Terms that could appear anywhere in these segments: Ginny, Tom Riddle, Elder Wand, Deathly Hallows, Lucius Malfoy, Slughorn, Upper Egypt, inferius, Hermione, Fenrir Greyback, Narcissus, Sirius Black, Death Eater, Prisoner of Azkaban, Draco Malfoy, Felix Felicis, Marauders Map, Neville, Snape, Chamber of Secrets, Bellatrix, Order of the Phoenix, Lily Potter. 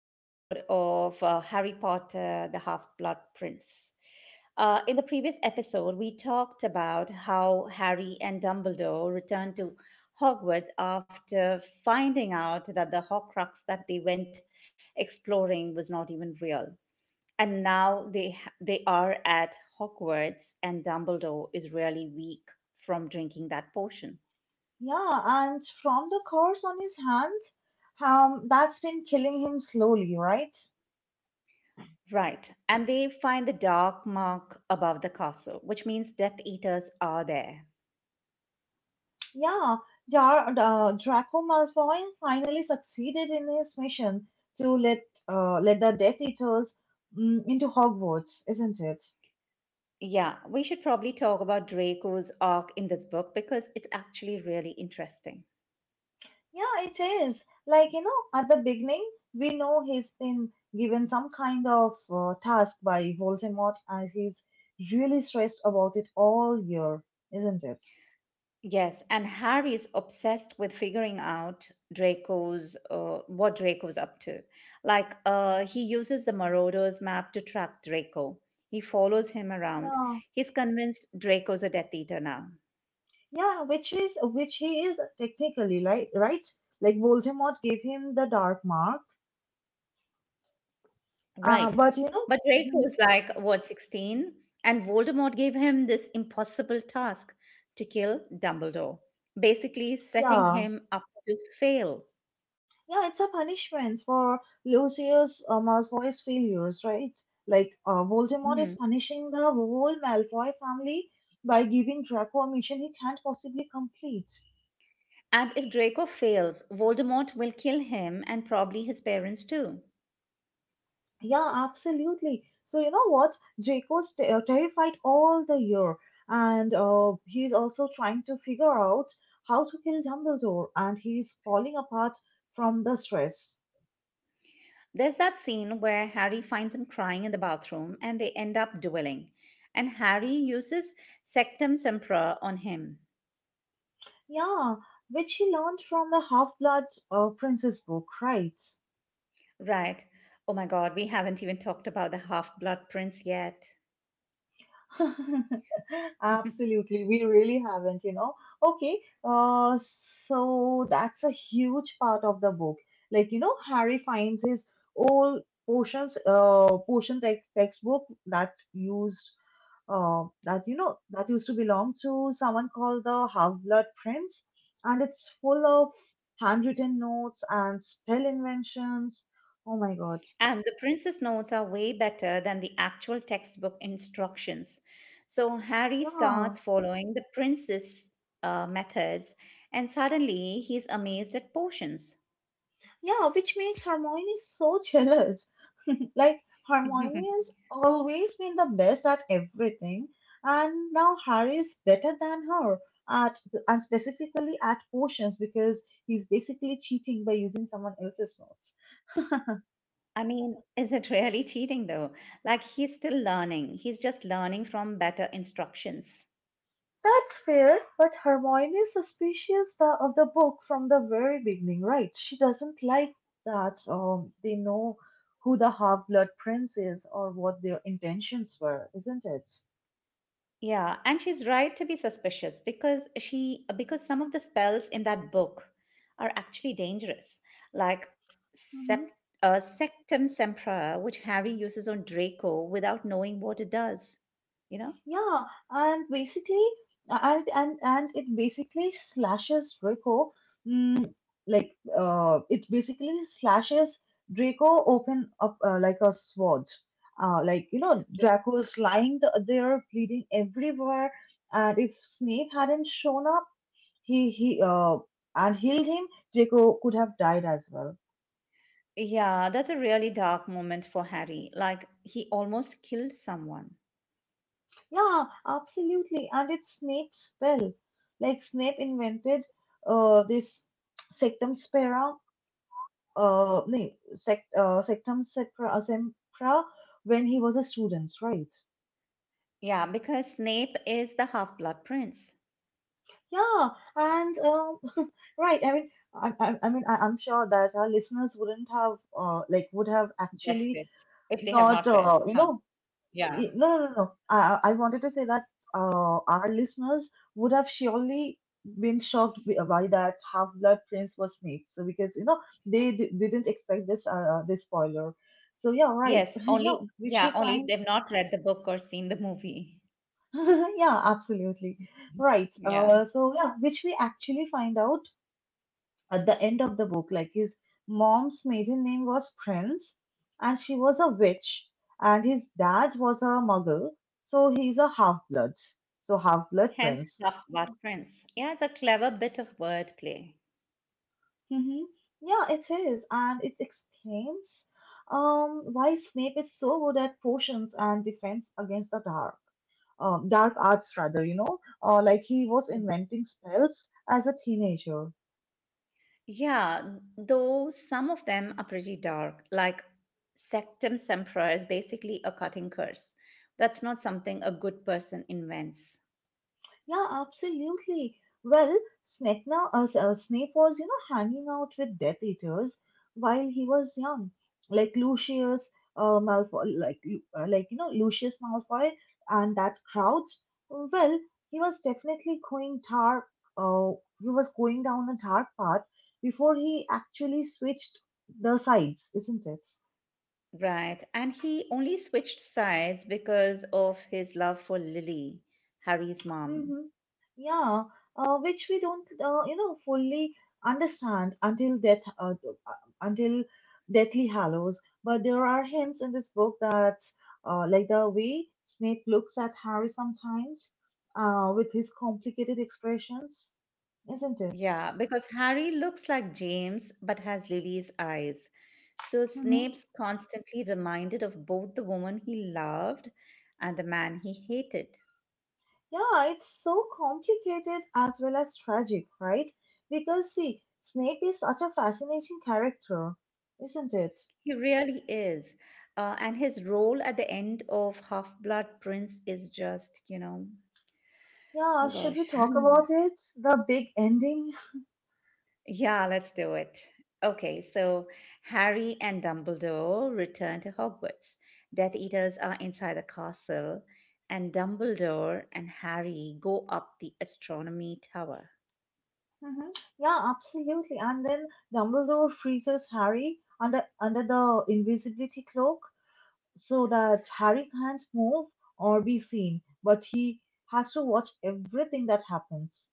episode of Harry Potter, the Half Blood Prince. In the previous episode, we talked about how Harry and Dumbledore returned to Hogwarts after finding out that the Horcrux that they went exploring was not even real. And now they are at Hogwarts, and Dumbledore is really weak from drinking that potion. Yeah, and from the curse on his hands, that's been killing him slowly, right? Right. And they find the dark mark above the castle, which means Death Eaters are there. Yeah, Draco Malfoy finally succeeded in his mission to let let the Death Eaters into Hogwarts, isn't it? Yeah, we should probably talk about Draco's arc in this book because it's actually really interesting. Yeah, it is. Like, you know, at the beginning, we know he's been given some kind of task by Voldemort, and he's really stressed about it all year, isn't it? Yes, and Harry is obsessed with figuring out Draco's what Draco's up to. Like, he uses the Marauders map to track Draco. He follows him around. Yeah. He's convinced Draco's a Death Eater now. Yeah, which he is technically like right. Like Voldemort gave him the dark mark. Right. But you know, But Draco was mhm, like, what, 16? And Voldemort gave him this impossible task to kill Dumbledore, basically setting yeah, him up to fail. yeah, it's a punishment for Lucius Malfoy's failures, right? Like Voldemort Hmm. is punishing the whole Malfoy family by giving Draco a mission he can't possibly complete. And if Draco fails, Voldemort will kill him and probably his parents too. Yeah, absolutely. So you know what? Draco's terrified all the year, and he's also trying to figure out how to kill Dumbledore, and he's falling apart from the stress. There's that scene where Harry finds him crying in the bathroom and they end up dueling. And Harry uses Sectum Sempra on him. Yeah, which he learned from the Half-Blood Princess book, right? Right. Oh my god, we haven't even talked about the half blood prince yet. Absolutely, we really haven't, you know. Okay, so that's a huge part of the book. Like, you know, Harry finds his old potion textbook that you know, that used to belong to someone called the Half-Blood Prince, and it's full of handwritten notes and spell inventions. Oh my God, And the princess notes are way better than the actual textbook instructions. So Harry yeah. starts following the princess methods, and suddenly he's amazed at potions. Yeah, which makes Hermione so jealous. Like, Hermione has always been the best at everything, and now Harry is better than her at, and specifically at potions because he's basically cheating by using someone else's notes. I mean, is it really cheating though? Like, he's still learning, he's just learning from better instructions. That's fair, but Hermione is suspicious of the book from the very beginning, right? She doesn't like that they know who the half blood prince is or what their intentions were, isn't it? Yeah, and she's right to be suspicious because some of the spells in that book are actually dangerous, like sept, Sectum Sempra, which Harry uses on Draco without knowing what it does. You know? Yeah, and basically, and it basically slashes Draco, mm, like it basically slashes Draco open up like a sword. Like you know, Draco's lying there, bleeding everywhere, and if Snape hadn't shown up, he and healed him, Draco could have died as well. Yeah, that's a really dark moment for Harry. Like he almost killed someone. Yeah, absolutely. And it's Snape's spell. Like Snape invented this Sectum Spera, no, sect, Sectum Sempra, when he was a student, right? Yeah, because Snape is the half-blood prince. Yeah, and right. I mean, I'm sure that our listeners wouldn't have, like, would have Guessed actually it. If they have not, not read, you huh? know, Yeah. No, no, no. I wanted to say that our listeners would have surely been shocked by that Half-Blood Prince was Snape. So because you know they didn't expect this this spoiler. So yeah, right. Yes, You only know, which we Yeah, only if find. they've not read the book or seen the movie. Yeah, absolutely. Right. Yeah. So yeah, which we actually find out at the end of the book. Like his mom's maiden name was Prince, and she was a witch, and his dad was a muggle, so he's a half blood, so half blood Hence, prince. tough but friends. Yeah, it's a clever bit of wordplay. Hmm. Yeah, it is, and it explains why Snape is so good at potions and defense against the dark. Dark arts, rather, you know, like he was inventing spells as a teenager. Yeah, though some of them are pretty dark, like Sectum Sempra is basically a cutting curse. That's not something a good person invents. Yeah, absolutely. Well, Snape was, you know, hanging out with Death Eaters while he was young, like Lucius, Malfoy, like, Lu- like you know, Lucius Malfoy and that crowd. Well, he was definitely going dark. Uh, he was going down a dark path before he actually switched the sides, isn't it? Right. And he only switched sides because of his love for Lily, Harry's mom. Mm-hmm. Yeah, which we don't, you know, fully understand until uh, until Deathly Hallows. But there are hints in this book that, like the way Snape looks at Harry sometimes, with his complicated expressions, isn't it? Yeah, because Harry looks like James but has Lily's eyes. So Mm-hmm. Snape's constantly reminded of both the woman he loved and the man he hated. Yeah, it's so complicated as well as tragic, right? Because see, Snape is such a fascinating character, isn't it? He really is. And his role at the end of Half Blood Prince is just, you know, Yeah, oh should we gosh. talk about it? The big ending? Yeah, let's do it. Okay, so Harry and Dumbledore return to Hogwarts. Death Eaters are inside the castle, and Dumbledore and Harry go up the astronomy tower. Hmm. Yeah, absolutely. And then Dumbledore freezes Harry under the invisibility cloak so that Harry can't move or be seen, but he has to watch everything that happens.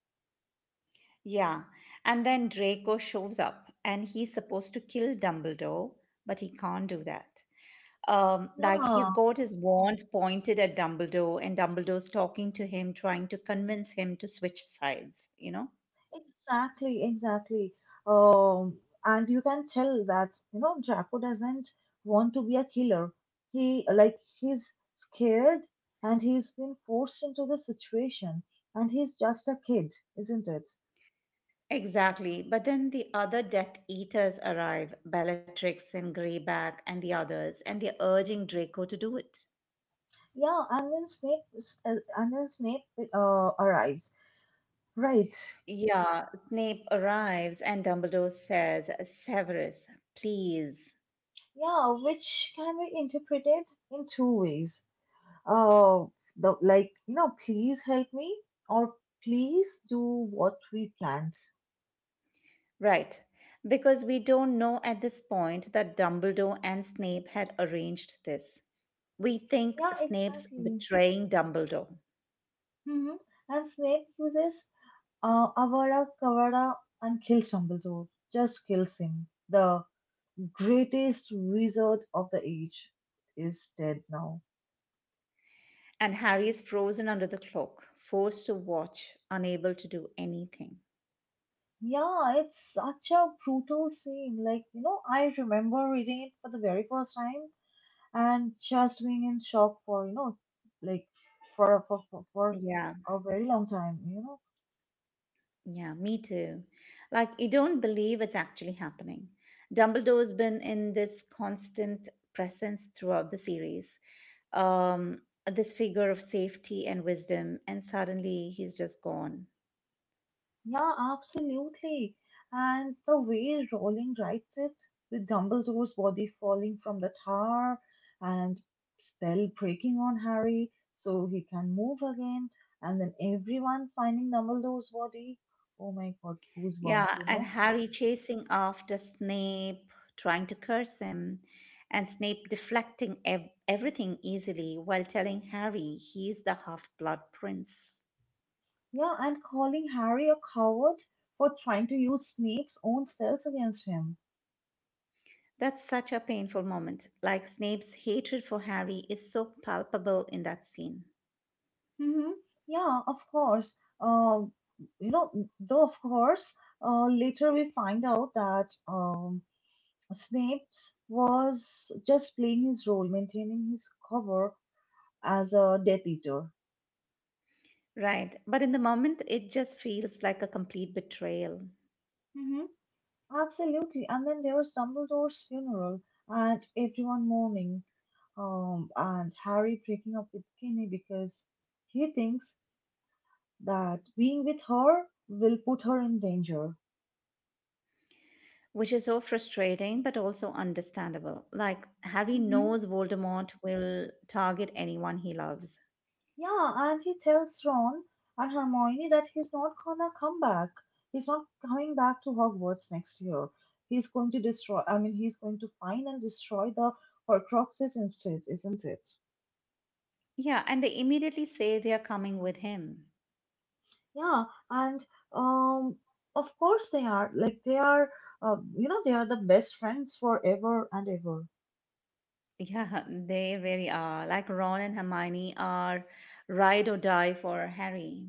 Yeah, and then Draco shows up and he's supposed to kill Dumbledore, but he can't do that. Like he's Yeah, got his wand pointed at Dumbledore, and Dumbledore's talking to him, trying to convince him to switch sides, you know? exactly, exactly. Um, and you can tell that, you know, Draco doesn't want to be a killer. He's scared and he's been forced into the situation and he's just a kid, isn't it? Exactly. But then the other Death Eaters arrive, Bellatrix and Greyback and the others, and they're urging Draco to do it. Yeah, and then Snape arrives. Right. Yeah, Snape arrives and Dumbledore says, Severus, please. Yeah, which can be interpreted in two ways. Uh, you know, please help me or please do what we planned. Right, because we don't know at this point that Dumbledore and Snape had arranged this. We think Yeah, Snape's exactly. betraying Dumbledore, Hmm. And Snape uses Avada Kedavra and kills Dumbledore. Just kills him. The greatest wizard of the age is dead now. and Harry is frozen under the cloak, forced to watch, unable to do anything. Yeah, it's such a brutal scene. Like, you know, I remember reading it for the very first time and just being in shock for, you know, like for Yeah. a very long time, you know. Yeah, me too. Like, you don't believe it's actually happening. Dumbledore's been in this constant presence throughout the series. Um, this figure of safety and wisdom, and suddenly he's just gone. Yeah, absolutely. And the way Rowling writes it, with Dumbledore's body falling from the tower and spell breaking on Harry so he can move again, and then everyone finding Dumbledore's body. Oh my god, goosebumps, Yeah, you and know? Harry chasing after Snape, trying to curse him, and Snape deflecting everything easily while telling Harry he's the half blood prince. Yeah, and calling Harry a coward for trying to use Snape's own spells against him. That's such a painful moment. Like Snape's hatred for Harry is so palpable in that scene. Mm-hmm. Yeah, of course. You know, though of course, later we find out that Snape's was just playing his role, maintaining his cover as a Death Eater. Right, but in the moment, it just feels like a complete betrayal, Mm-hmm. Absolutely. And then there was Dumbledore's funeral and everyone mourning, and Harry breaking up with Ginny because he thinks that being with her will put her in danger. which is so frustrating but also understandable. Like, Harry knows Voldemort will target anyone he loves. Yeah, and he tells Ron and Hermione that he's not gonna come back. He's not coming back to Hogwarts next year. He's going to destroy, I mean, he's going to find and destroy the Horcruxes instead, isn't it? Yeah, and they immediately say they are coming with him. Yeah, and um, of course they are. Like, you know, they are the best friends forever and ever. Yeah, they really are. Like, Ron and Hermione are ride or die for Harry.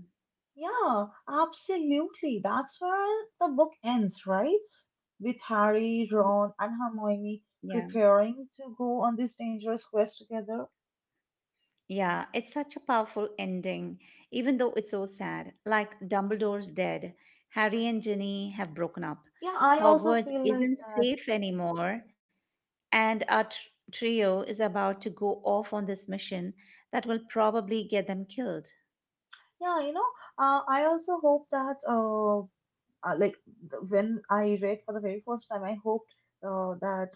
Yeah, absolutely. That's where the book ends, right? With Harry, Y- Ron, and Hermione Yeah. preparing to go on this dangerous quest together. Yeah, it's such a powerful ending, even though it's so sad. Like Dumbledore's dead, Harry and Ginny have broken up. Yeah, I also Hogwarts feel like isn't that. safe anymore, and our trio is about to go off on this mission that will probably get them killed. Yeah, you know, I also hope that, uh, like, when I read for the very first time, I hoped that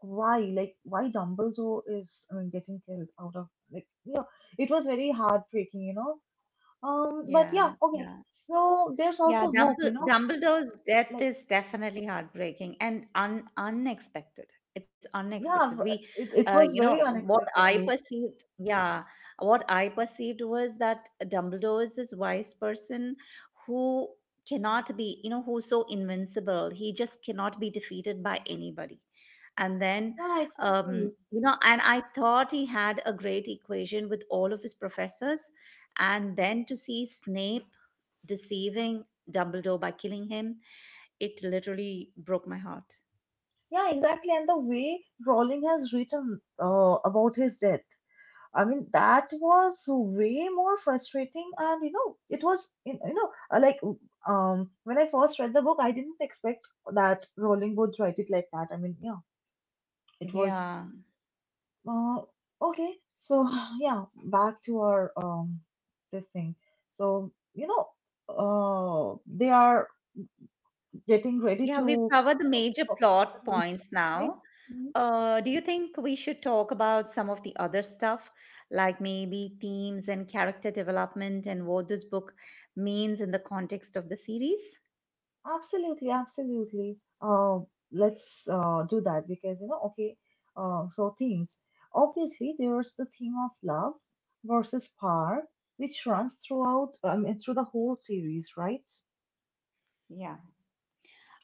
why, like, why Dumbledore is I mean, getting killed out of, like, it was very heartbreaking, you know. But Yeah, yeah, okay. yeah. So there's Yeah, also hope, you know Dumbledore's death like. is definitely heartbreaking and unexpected. It's Yeah, unexpected. It, it was You know, very unexpectedly. What I perceived was that Dumbledore is this wise person who cannot be, you know, who's so invincible. He just cannot be defeated by anybody and then Yeah, exactly. you know and I thought he had a great equation with all of his professors, and then to see Snape deceiving Dumbledore by killing him, it literally broke my heart. Yeah, exactly. And the way Rowling has written about his death, I mean, that was way more frustrating. And you know, it was you you know like when I first read the book, I didn't expect that Rowling would write it like that. I mean, yeah, it was Yeah, uh, okay. So yeah, back to our this thing. So you know, they are getting ready yeah, we've to covered the major for the plot meeting, points right? now. Mhm. Do you think we should talk about some of the other stuff, like maybe themes and character development and what this book means in the context of the series? Absolutely, absolutely. Let's do that because you know, okay. So themes. Obviously, there's the theme of love versus power, which runs throughout through the whole series, right? Yeah.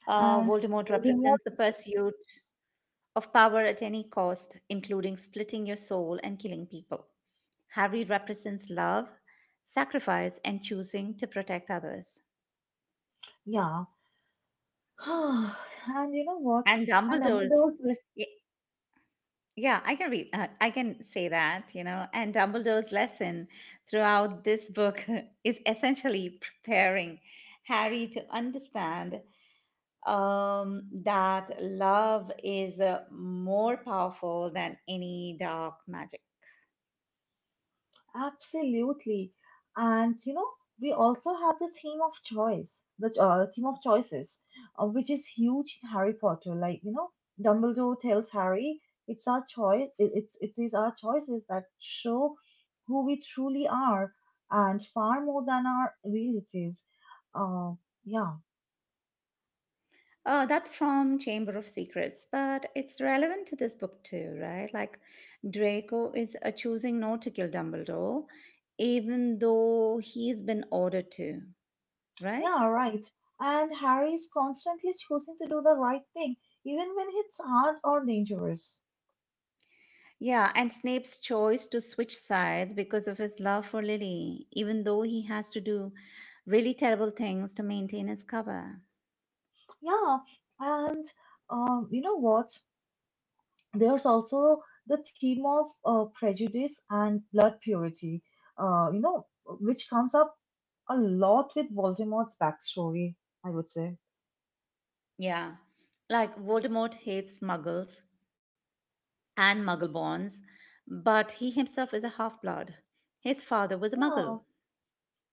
And Voldemort Voldemort, represents the pursuit of power at any cost, including splitting your soul and killing people. Harry represents love, sacrifice, and choosing to protect others. yeah. And you know what? And And Dumbledore's, Dumbledore's y- yeah, I can read, I can say that, you know. And Dumbledore's lesson throughout this book is essentially preparing Harry to understand that love is more powerful than any dark magic. Absolutely. And you know, we also have the theme of choice, theme of choices, which is huge in Harry Potter. Like, you know, Dumbledore tells Harry, it's our choice, it, it's it is our choices that show who we truly are and far more than our abilities. Uh, yeah, Oh, that's from Chamber of Secrets, but it's relevant to this book too, right? Like Draco is choosing not to kill Dumbledore, even though he's been ordered to, right? yeah, right. And Harry is constantly choosing to do the right thing, even when it's hard or dangerous. Yeah, and Snape's choice to switch sides because of his love for Lily, even though he has to do really terrible things to maintain his cover. Yeah, and you know what? There's also the theme of prejudice and blood purity, you know, which comes up a lot with Voldemort's backstory, I would say. Yeah, like Voldemort hates muggles and muggle bonds, but he himself is a half blood. His father was a Yeah, muggle.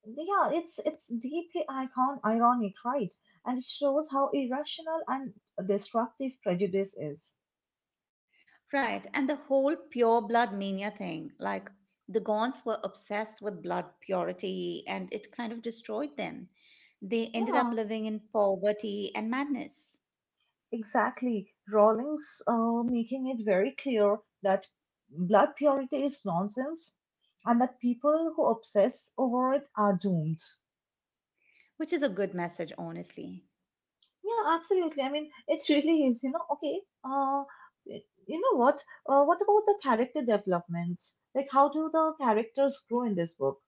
yeah, it's deeply icon ironic, right? And it shows how irrational and destructive prejudice is. Right, and the whole pure blood mania thing. Like the Gaunts were obsessed with blood purity and it kind of destroyed them. They ended up Yeah, living in poverty and madness, exactly. Rawlings making it very clear that blood purity is nonsense and that people who obsess over it are doomed. which is a good message, honestly. Yeah, absolutely. I mean, it really is, you know, okay. Uh, you know what? What about the character developments? Like, how do the characters grow in this book?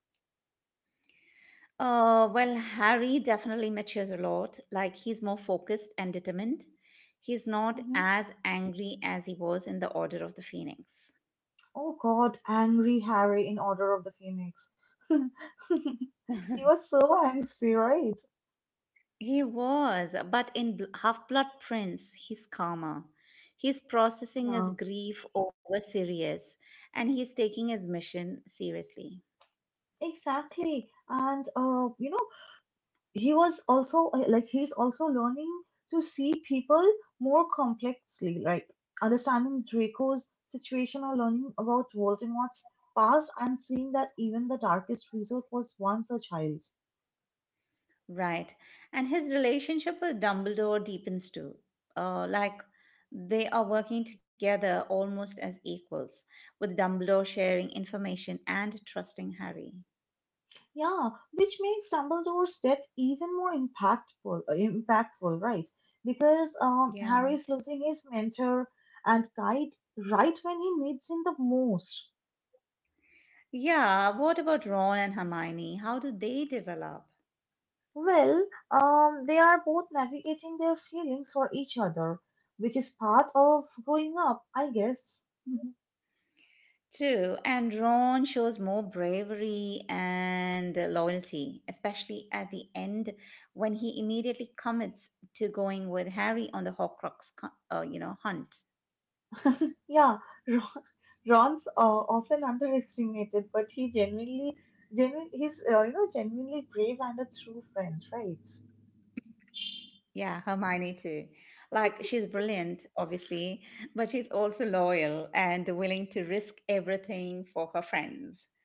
Well, Harry definitely matures a lot. Like he's more focused and determined. He's not Hmm. as angry as he was in the Order of the Phoenix. Oh, God, angry Harry in Order of the Phoenix. He was so angry, right? He was, but in Half Blood Prince, he's calmer. He's processing his Yeah, grief over Sirius, and he's taking his mission seriously. exactly. And, you know, he was also he's also learning to see people more complexly, like understanding Draco's situation or learning about Voldemort's past and seeing that even the darkest result was once a child. Right. And his relationship with Dumbledore deepens too. Like they are working together almost as equals, with Dumbledore sharing information and trusting Harry. Yeah, which makes Dumbledore's death even more impactful, right? Because Yeah. Harry's losing his mentor and guide right when he needs him the most. Yeah. What about Ron and Hermione? How do they develop? Well, they are both navigating their feelings for each other, which is part of growing up, I guess. Mhm. True, and Ron shows more bravery and loyalty, especially at the end when he immediately commits to going with Harry on the you know, hunt. Yeah, Ron, Ron's often underestimated, but he's you know genuinely brave and a true friend, right? Yeah, Hermione too. Like she's brilliant, obviously, but she's also loyal and willing to risk everything for her friends.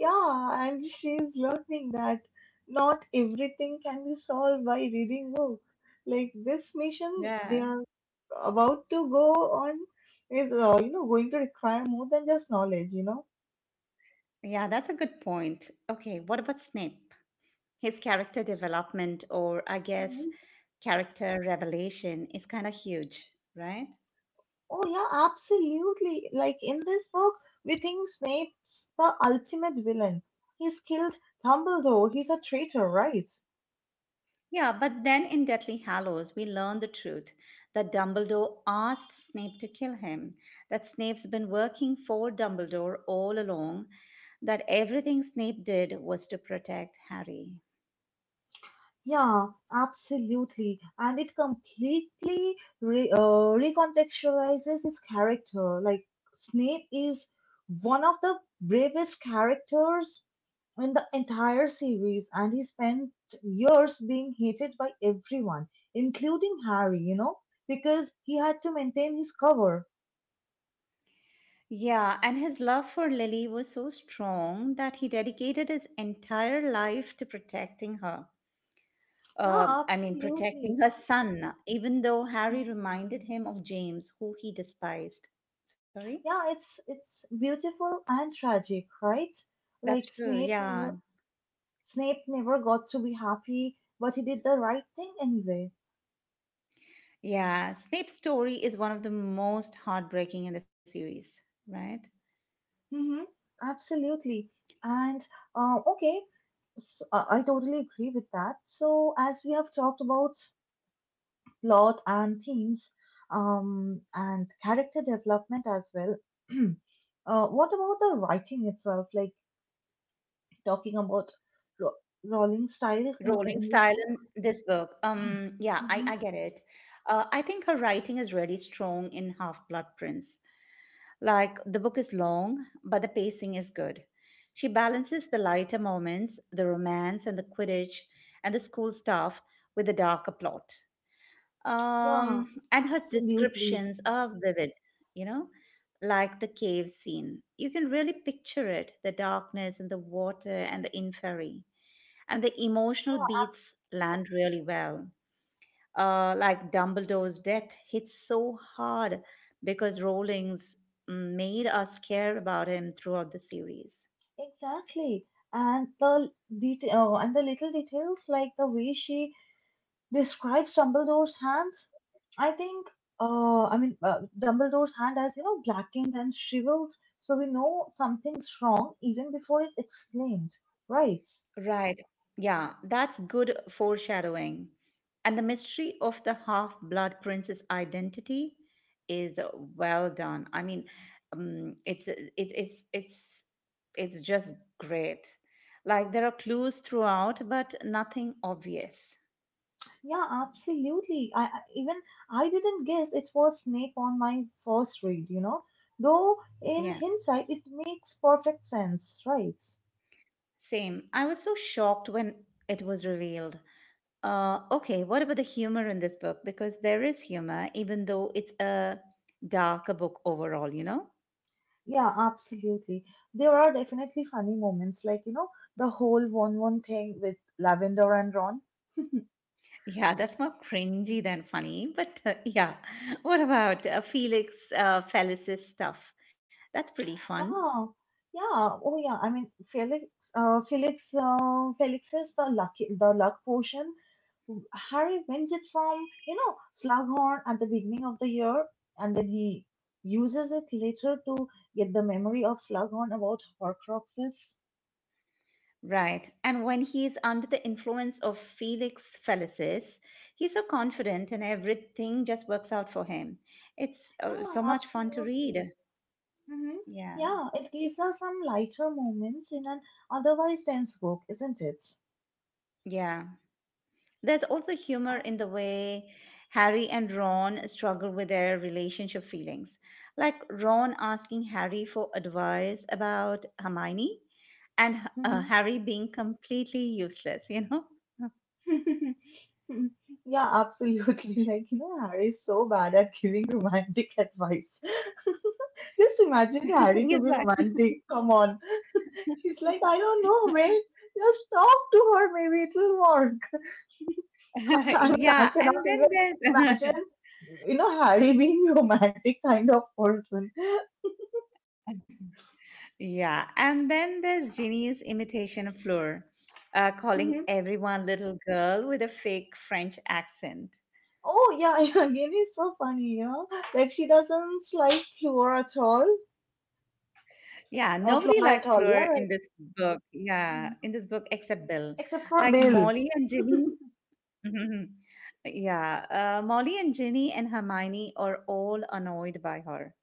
Yeah, and she's learning that not everything can be solved by reading books. Like this mission Yeah, they're about to go on is, going to require more than just knowledge. yeah, that's a good point. Okay, what about Snape? His character development, or I guess Mhm. character revelation, is kind of huge, right? Oh, yeah, absolutely. Like in this book, we think Snape's the ultimate villain. He's killed Dumbledore. He's a traitor, right? Yeah, but then in Deathly Hallows we learn the truth, that Dumbledore asked Snape to kill him, that Snape's been working for Dumbledore all along, that everything Snape did was to protect Harry. Yeah, absolutely. And it completely re recontextualizes his character. Like, Snape is one of the bravest characters in the entire series, and he spent years being hated by everyone, including Harry, because he had to maintain his cover. Yeah, and his love for Lily was so strong that he dedicated his entire life to protecting her. Yeah, I mean, protecting absolutely. her son, even though Harry Mhm. reminded him of James, who he despised. Sorry? Yeah, it's beautiful and tragic, right? That's Like true, Snape yeah. never Snape never got to be happy, but he did the right thing anyway. Yeah, Snape's story is one of the most heartbreaking in the series, right? Mm-hmm. Absolutely. And Okay, so, I totally agree with that. So, as we have talked about plot and themes, and character development as well, What about the writing itself? Like talking about ro- Rowling's styles in Rolling in this style book. in this book. Um, yeah, I, Hmm. I get it. I think her writing is really strong in Half Blood Prince. Like the book is long, but the pacing is good. She balances the lighter moments, the romance and the Quidditch and the school stuff with the darker plot. Yeah, And her absolutely. descriptions are vivid, you know, like the cave scene. You can really picture it, the darkness and the water and the inferi. And the emotional beats land really well, like Dumbledore's death hits so hard because Rowling's made us care about him throughout the series. Exactly. And the little details, like the way she describes Dumbledore's hands. I think, I mean, Dumbledore's hand, as you know, blackened and shriveled, so we know something's wrong even before it exclaimed, right? Right. Yeah, that's good foreshadowing. And the mystery of the half blood prince's identity is well done. I mean, um, it's it's it's it's it's just great. Like there are clues throughout, but nothing obvious. Yeah, absolutely. I didn't guess it was Snape on my first read. Though in Yeah, hindsight, it makes perfect sense, right? same. I was so shocked when it was revealed. Okay, what about the humor in this book? Because there is humor, even though it's a darker book overall, you know? Yeah, absolutely. There are definitely funny moments, like, the whole 1-1 thing with Lavender and Ron. Yeah, that's more cringy than funny. But yeah, what about Felix Felice's stuff? That's pretty fun. Ah, yeah. Oh, yeah. I mean, Felix has the luck potion. Harry wins it from, Slughorn at the beginning of the year, and then he uses it later to get the memory of Slughorn about Horcruxes. Right. And when he's under the influence of Felix Felicis, he's so confident and everything just works out for him. It's Yeah, so much fun to absolutely. read. Hmm. Yeah. Yeah, it gives us some lighter moments in an otherwise dense book, isn't it? Yeah. There's also humor And in the way Harry and Ron struggle with their relationship feelings. Like Ron asking Harry for advice about Hermione and Harry being completely useless. Mhm. Yeah, absolutely. Like, Harry is so bad at giving romantic advice. Just imagine Harry to He's be like, romantic. Come on. He's like, I don't know, mate. Just talk to her. Maybe it'll work. I mean, I yeah, cannot and then even there's imagine, Harry being romantic kind of person. yeah, and then there's Ginny's imitation of Fleur, calling everyone little girl with a fake French accent. Oh, yeah, yeah, again it's so funny, that she doesn't like Flora at all. Yeah, nobody Flora at likes all, yeah, Fleur in right. this book. Yeah, Mhm. in this book except Bill. Except for Like Bill. Molly and Ginny. Yeah, Molly and Ginny and Hermione are all annoyed by her.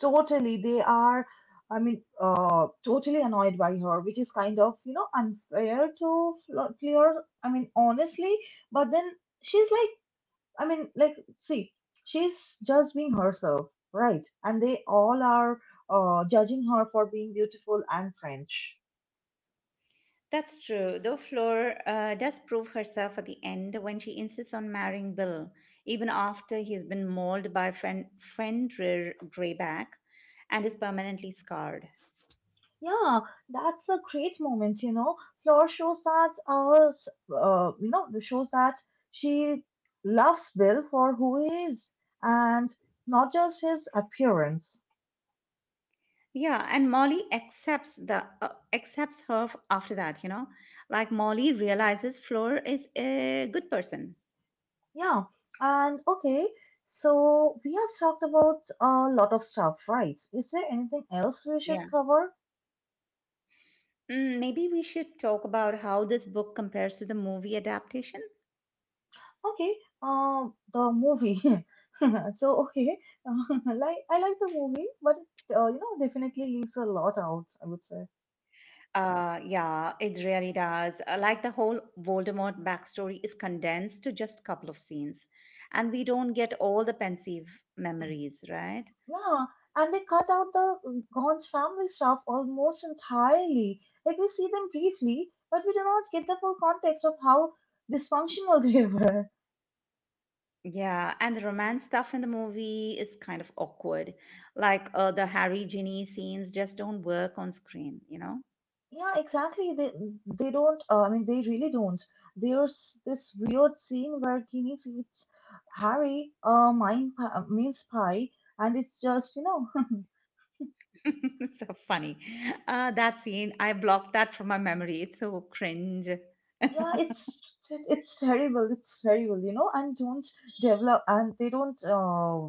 Totally, they are, I mean, totally annoyed by her, which is kind of, unfair to Flora. I mean, honestly, but then she's like, I mean, like, see, she's just being herself, right? And they all are judging her for being beautiful and French. That's true, though Fleur does prove herself at the end when she insists on marrying Bill, even after he's been mauled by friend Fenrir Greyback and is permanently scarred. Yeah, that's a great moment. Fleur shows that s- you know, shows that she loves Bill for who he is and not just his appearance. Yeah, and Molly accepts the after that. Like Molly realizes Fleur is a good person. Yeah. And okay, so we have talked about a lot of stuff, right? Is there anything else we Yeah. should cover? Maybe we should talk about how this book compares to the movie adaptation. Okay, the movie. So okay, like I like the movie, but definitely leaves a lot out, I would say. Yeah, it really does. Like the whole Voldemort backstory is condensed to just a couple of scenes, and we don't get all the pensive memories, right? Yeah, and they cut out the Gon's family stuff almost entirely. Like we see them briefly, but we do not get the full context of how dysfunctional they were. Yeah, and the romance stuff in the movie is kind of awkward. Like the Harry Ginny scenes just don't work on screen. Yeah, exactly. They don't. I mean, they really don't. There's this weird scene where Ginny feeds Harry a mince pie, and it's just. It's so funny. That scene, I blocked that from my memory. It's so cringe. Yeah, it's terrible. It's terrible, and don't develop and they don't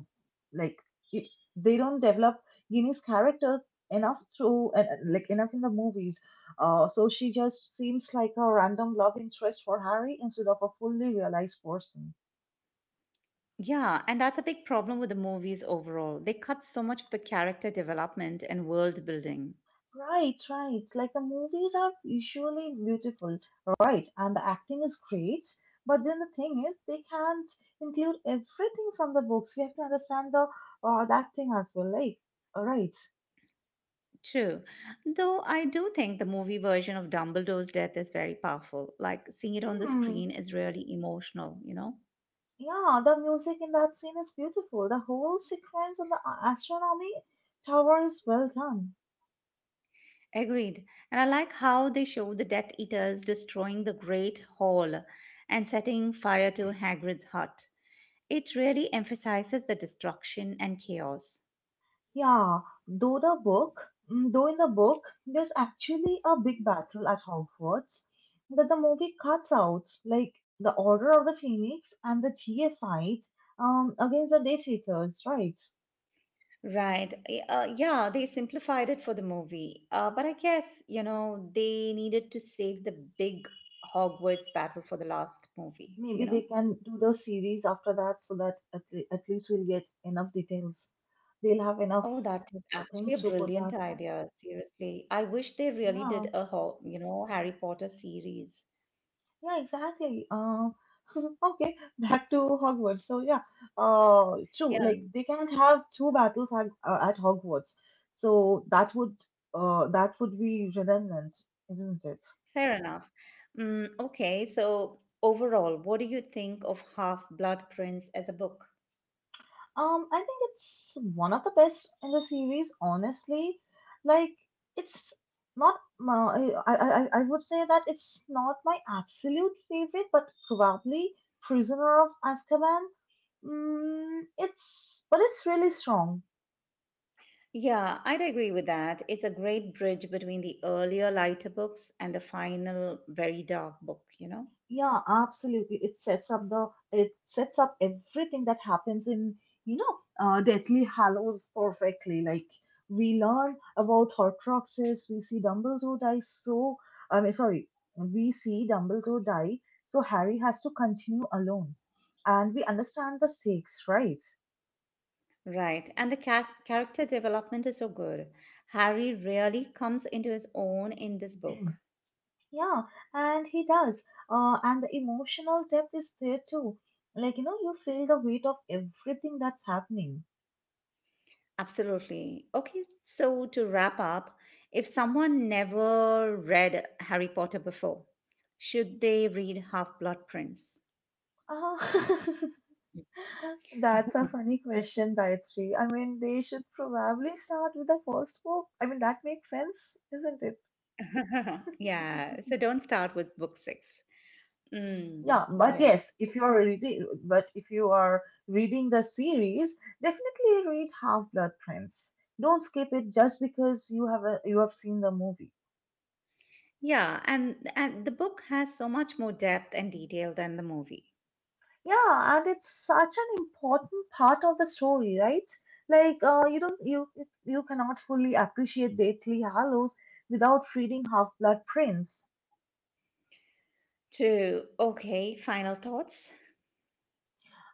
like it, they don't develop Ginny's character enough through and, like enough in the movies. So she just seems like a random love interest for Harry instead of a fully realized person. Yeah, and that's a big problem with the movies overall. They cut so much of the character development and world building. Right, right. Like the movies are usually beautiful, right? And the acting is great. But then the thing is, they can't include everything from the books. We have to understand the acting as well. Like, all right. True. Though I do think the movie version of Dumbledore's death is very powerful. Like seeing it on the Hmm. screen is really emotional. Yeah, the music in that scene is beautiful. The whole sequence on the astronomy tower is well done. Agreed. And I like how they show the Death Eaters destroying the Great Hall and setting fire to Hagrid's hut. It really emphasizes the destruction and chaos. Yeah, though the book, though in the book, there's actually a big battle at Hogwarts that the movie cuts out, like the Order of the Phoenix and the TA fight against the Death Eaters, right? Right. Yeah, they simplified it for the movie. But I guess, they needed to save the big Hogwarts battle for the last movie, you Maybe know? they can do the series after that so that at least we'll get enough details. They'll have enough Oh, that is actually a things to put brilliant that. idea. Seriously. I wish they really did Yeah, a, Ho- you know, Harry Potter series. yeah, exactly. Okay, back to Hogwarts. So yeah, true. Yeah. Like they can't have two battles at Hogwarts. So that would be redundant, isn't it? Fair enough. Okay, so overall, what do you think of Half Blood Prince as a book? I think it's one of the best in the series, honestly. Like it's not my I would say that it's not my absolute favorite, but probably Prisoner of Azkaban. Mm, it's but it's really strong. Yeah, I'd agree with that. It's a great bridge between the earlier lighter books and the final, very dark book. Yeah, absolutely. It sets up everything that happens in Deathly Hallows perfectly. Like we learn about Horcruxes, we see Dumbledore die. So, I mean, sorry, we see Dumbledore die. So Harry has to continue alone, and we understand the stakes, right? Right. And the character development is so good. Harry really comes into his own in this book. Yeah, and he does. And the emotional depth is there too. Like, you feel the weight of everything that's happening. Absolutely. Okay, so to wrap up, if someone never read Harry Potter before, should they read Half Blood Prince? Ah. That's a funny question, Gayatri. I mean, they should probably start with the first book. I mean, that makes sense, isn't it? Yeah, so don't start with book six. mm, Yeah, but yes. yes, if you are reading, but if you are reading the series, definitely read Half Blood Prince. Don't skip it just because you have seen the movie. Yeah, and the book has so much more depth and detail than the movie. Yeah, and it's such an important part of the story, right? Like, you don't you you cannot fully appreciate Deathly Hallows without reading Half Blood Prince. True. Okay, final thoughts,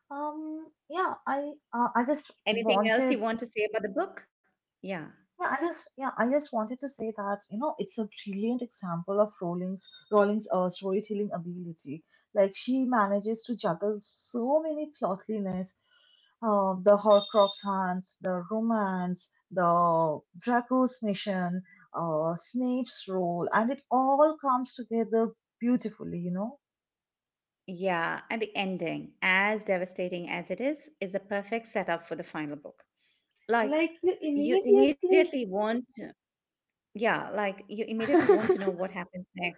Yeah, I just anything else you wanted want to say about the book? Yeah. Yeah, I just wanted to say that, it's a brilliant example of Rowling's storytelling ability. Like she manages to juggle so many plotliness, the Horcrux hunt, the romance, the Draco's mission, Snape's role, and it all comes together beautifully, you know? Yeah, and the ending, as devastating as it is the perfect setup for the final book. Like Like you you immediately immediately want yeah, like you immediately want to know what happens next.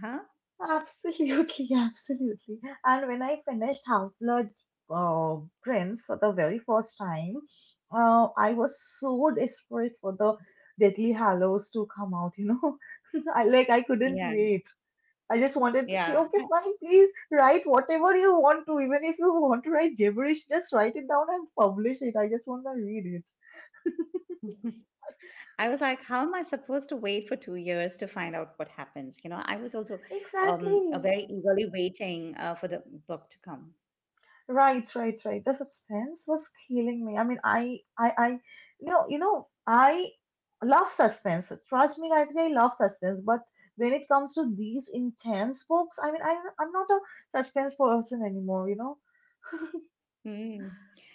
Huh. Absolutely, absolutely. And when I finished Half Blood Prince for the very first time, I was so desperate for the Deadly Hallows to come out. I couldn't Yeah. wait. I just wanted to say, Yeah. okay, fine, please write whatever you want to. Even if you want to write gibberish, just write it down and publish it. I just want to read it. I was like, how am I supposed to wait for 2 years to find out what happens? You know, I was also Exactly. very eagerly waiting for the book to come. Right, right, right. The suspense was killing me. I mean, I, you know, I love suspense. Trust me, I think I love suspense. But when it comes to these intense books, I mean, I'm not a suspense person anymore. You know? Mm,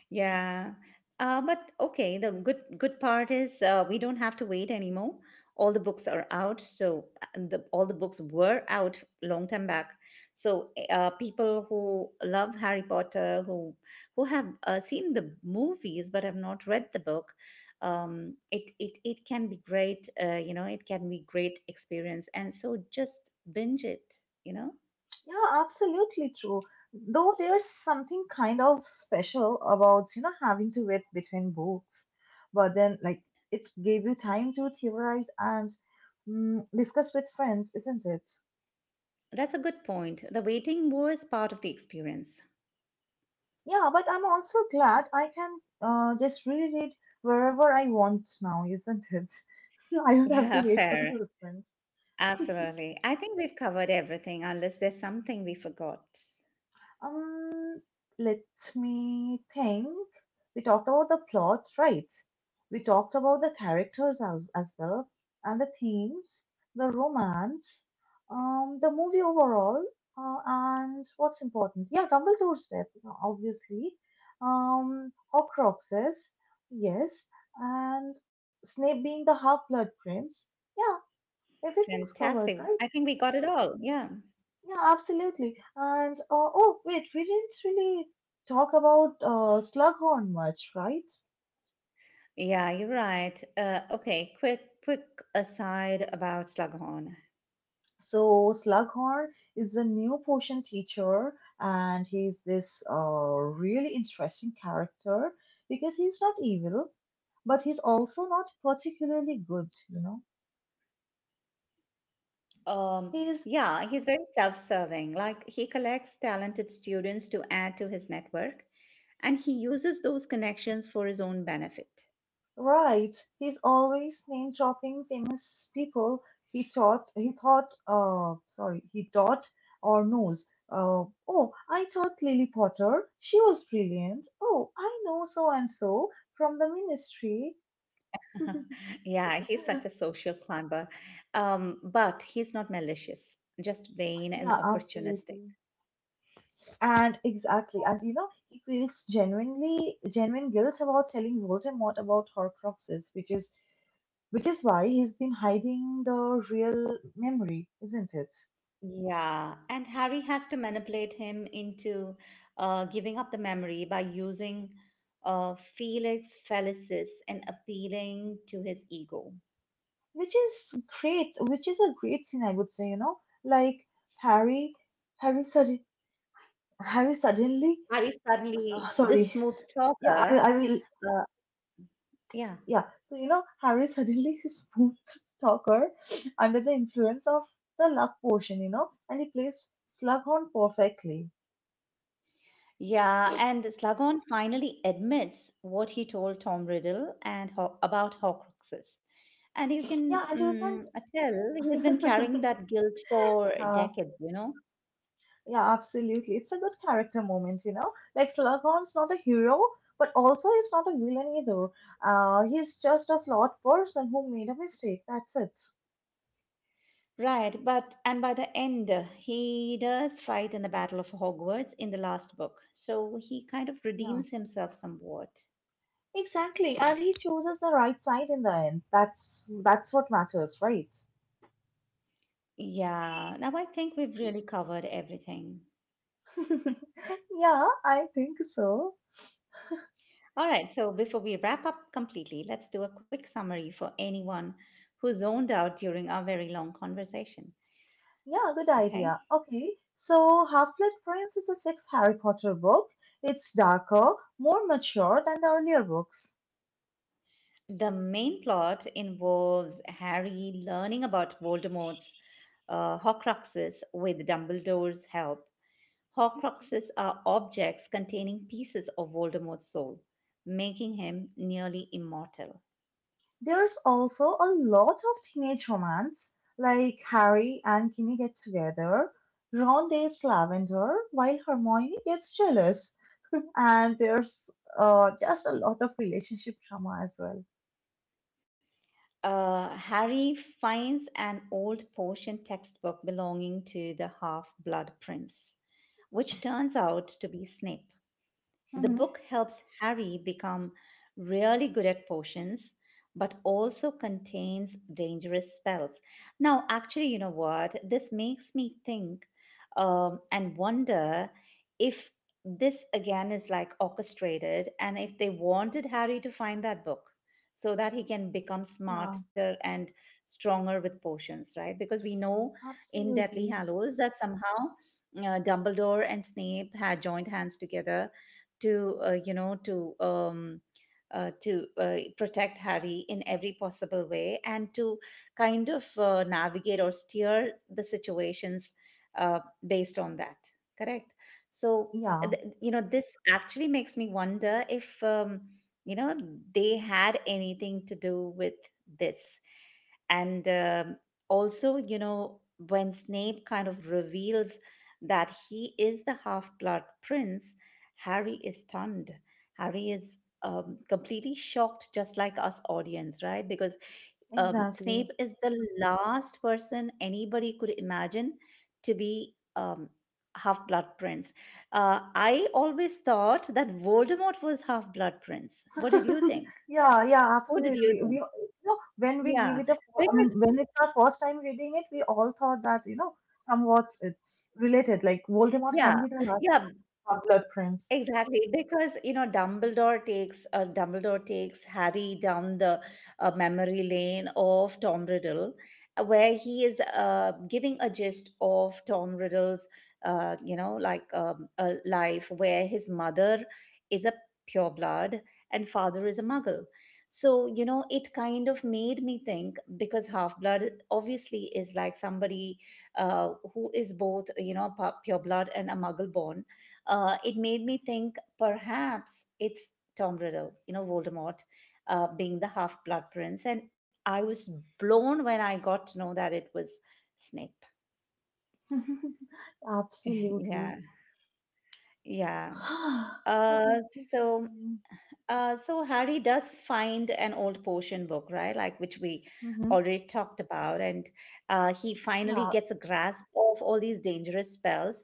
yeah. But okay, the good part is we don't have to wait anymore. All the books are out, so all the books were out long time back. So people who love Harry Potter, who have seen the movies but have not read the book, it can be great. You know, it can be great experience, and so just binge it. You know, Yeah, absolutely true. Though there's something kind of special about having to wait between books, but then, like, it gave you time to theorize and discuss with friends, isn't it? that's a good point. The waiting was part of the experience. Yeah, but I'm also glad I can just read it wherever I want now, isn't it? I don't have to Yeah, wait for the fair. suspense. Absolutely. I think we've covered everything unless there's something we forgot. Um, Let me think. We talked about the plot, right? We talked about the characters as well, and the themes, the romance, the movie overall, and what's important. Yeah, Dumbledore's death, obviously. Horcruxes, yes, and Snape being the Half-Blood Prince. Yeah, everything's covered, Fantastic. I right? think we got it all. Yeah. Yeah, absolutely. And oh, wait, we didn't really talk about Slughorn much, right? Yeah, you're right. Okay, quick aside about Slughorn. So Slughorn is the new potion teacher, and he's this really interesting character because he's not evil, but he's also not particularly good. You know, Um, he's yeah, he's very self-serving. Like he collects talented students to add to his network, and he uses those connections for his own benefit. Right. He's always name dropping famous people he taught he thought sorry, he taught or knows. Oh, I taught Lily Potter. She was brilliant. Oh, I know so and so from the ministry. Yeah, he's such a social climber. But he's not malicious, just vain and Yeah, opportunistic. absolutely. And exactly. And he feels genuine guilt about telling Voldemort about Horcruxes, which is why he's been hiding the real memory, isn't it? Yeah, and Harry has to manipulate him into giving up the memory by using Felix Felicis and appealing to his ego. Which is which is a great scene, I would say, like Harry, Harry, sudden, Harry suddenly, Harry suddenly, this sorry, smooth yeah, talker, I will, uh, yeah, yeah, so you know, Harry suddenly is smooth talker under the influence of the luck potion, and he plays Slughorn perfectly. Yeah, and Slughorn finally admits what he told Tom Riddle and about Horcruxes. And you can Yeah, and tell he's you been can't, carrying that guilt for decades, you know? yeah, absolutely. It's a good character moment. Like, Slughorn's not a hero, but also he's not a villain either. He's just a flawed person who made a mistake. That's it. Right, but and by the end, he does fight in the Battle of Hogwarts in the last book. So he kind of Yeah, redeems himself somewhat. exactly. And he chooses the right side in the end. That's what matters, right? Yeah, now I think we've really covered everything. Yeah, I think so. All right, so before we wrap up completely, let's do a quick summary for anyone who zoned out during our very long conversation. Yeah, good Okay? idea. Okay, so Half-Blood Prince is the sixth Harry Potter book. It's darker, more mature than the earlier books. The main plot involves Harry learning about Voldemort's Horcruxes with Dumbledore's help. Horcruxes are objects containing pieces of Voldemort's soul, making him nearly immortal. There's also a lot of teenage romance, like Harry and Ginny get together, Ron dates Lavender while Hermione gets jealous, and there's just a lot of relationship drama as well. Harry finds an old Persian textbook belonging to the half blood prince, which turns out to be Snape. The Mhm. book helps Harry become really good at potions, but also contains dangerous spells. Now, actually, you know what? This makes me think and wonder if this again is like orchestrated and if they wanted Harry to find that book so that he can become Yeah, smarter and stronger with potions, right? Because we know in Deathly absolutely. Hallows that somehow Dumbledore and Snape had joined hands together to protect Harry in every possible way and to kind of navigate or steer the situations uh, based on that. Correct. So Yeah, you know, this actually makes me wonder if you know, they had anything to do with this, and also, you know, when Snape kind of reveals that he is the half-blood prince, Harry is stunned. Harry is completely shocked, just like us audience, right? Because exactly. Snape is the last person anybody could imagine to be half-blood prince. I always thought that Voldemort was half-blood prince. What did you think? Yeah, yeah, what did you absolutely. We, think you know, when we give Yeah, it a, I because mean, When it's our first time reading it, we all thought that, you know, somewhat it's related, like Voldemort can yeah, be the last yeah. blood prince. Exactly, because you know Dumbledore takes Harry down the memory lane of Tom Riddle, where he is giving a gist of Tom Riddle's, a life where his mother is a pureblood and father is a Muggle. So you know, it kind of made me think because half blood obviously is like somebody uh, who is both, you know, pureblood and a Muggle born. Uh, it made me think perhaps it's Tom Riddle, you know, Voldemort, being the half blood prince. And I was blown when I got to know that it was Snape. Absolutely. Yeah, yeah. Okay, Uh, please so continue. So Harry does find an old potion book, right? Like which we Hmm. already talked about, and he finally Yeah, gets a grasp of all these dangerous spells,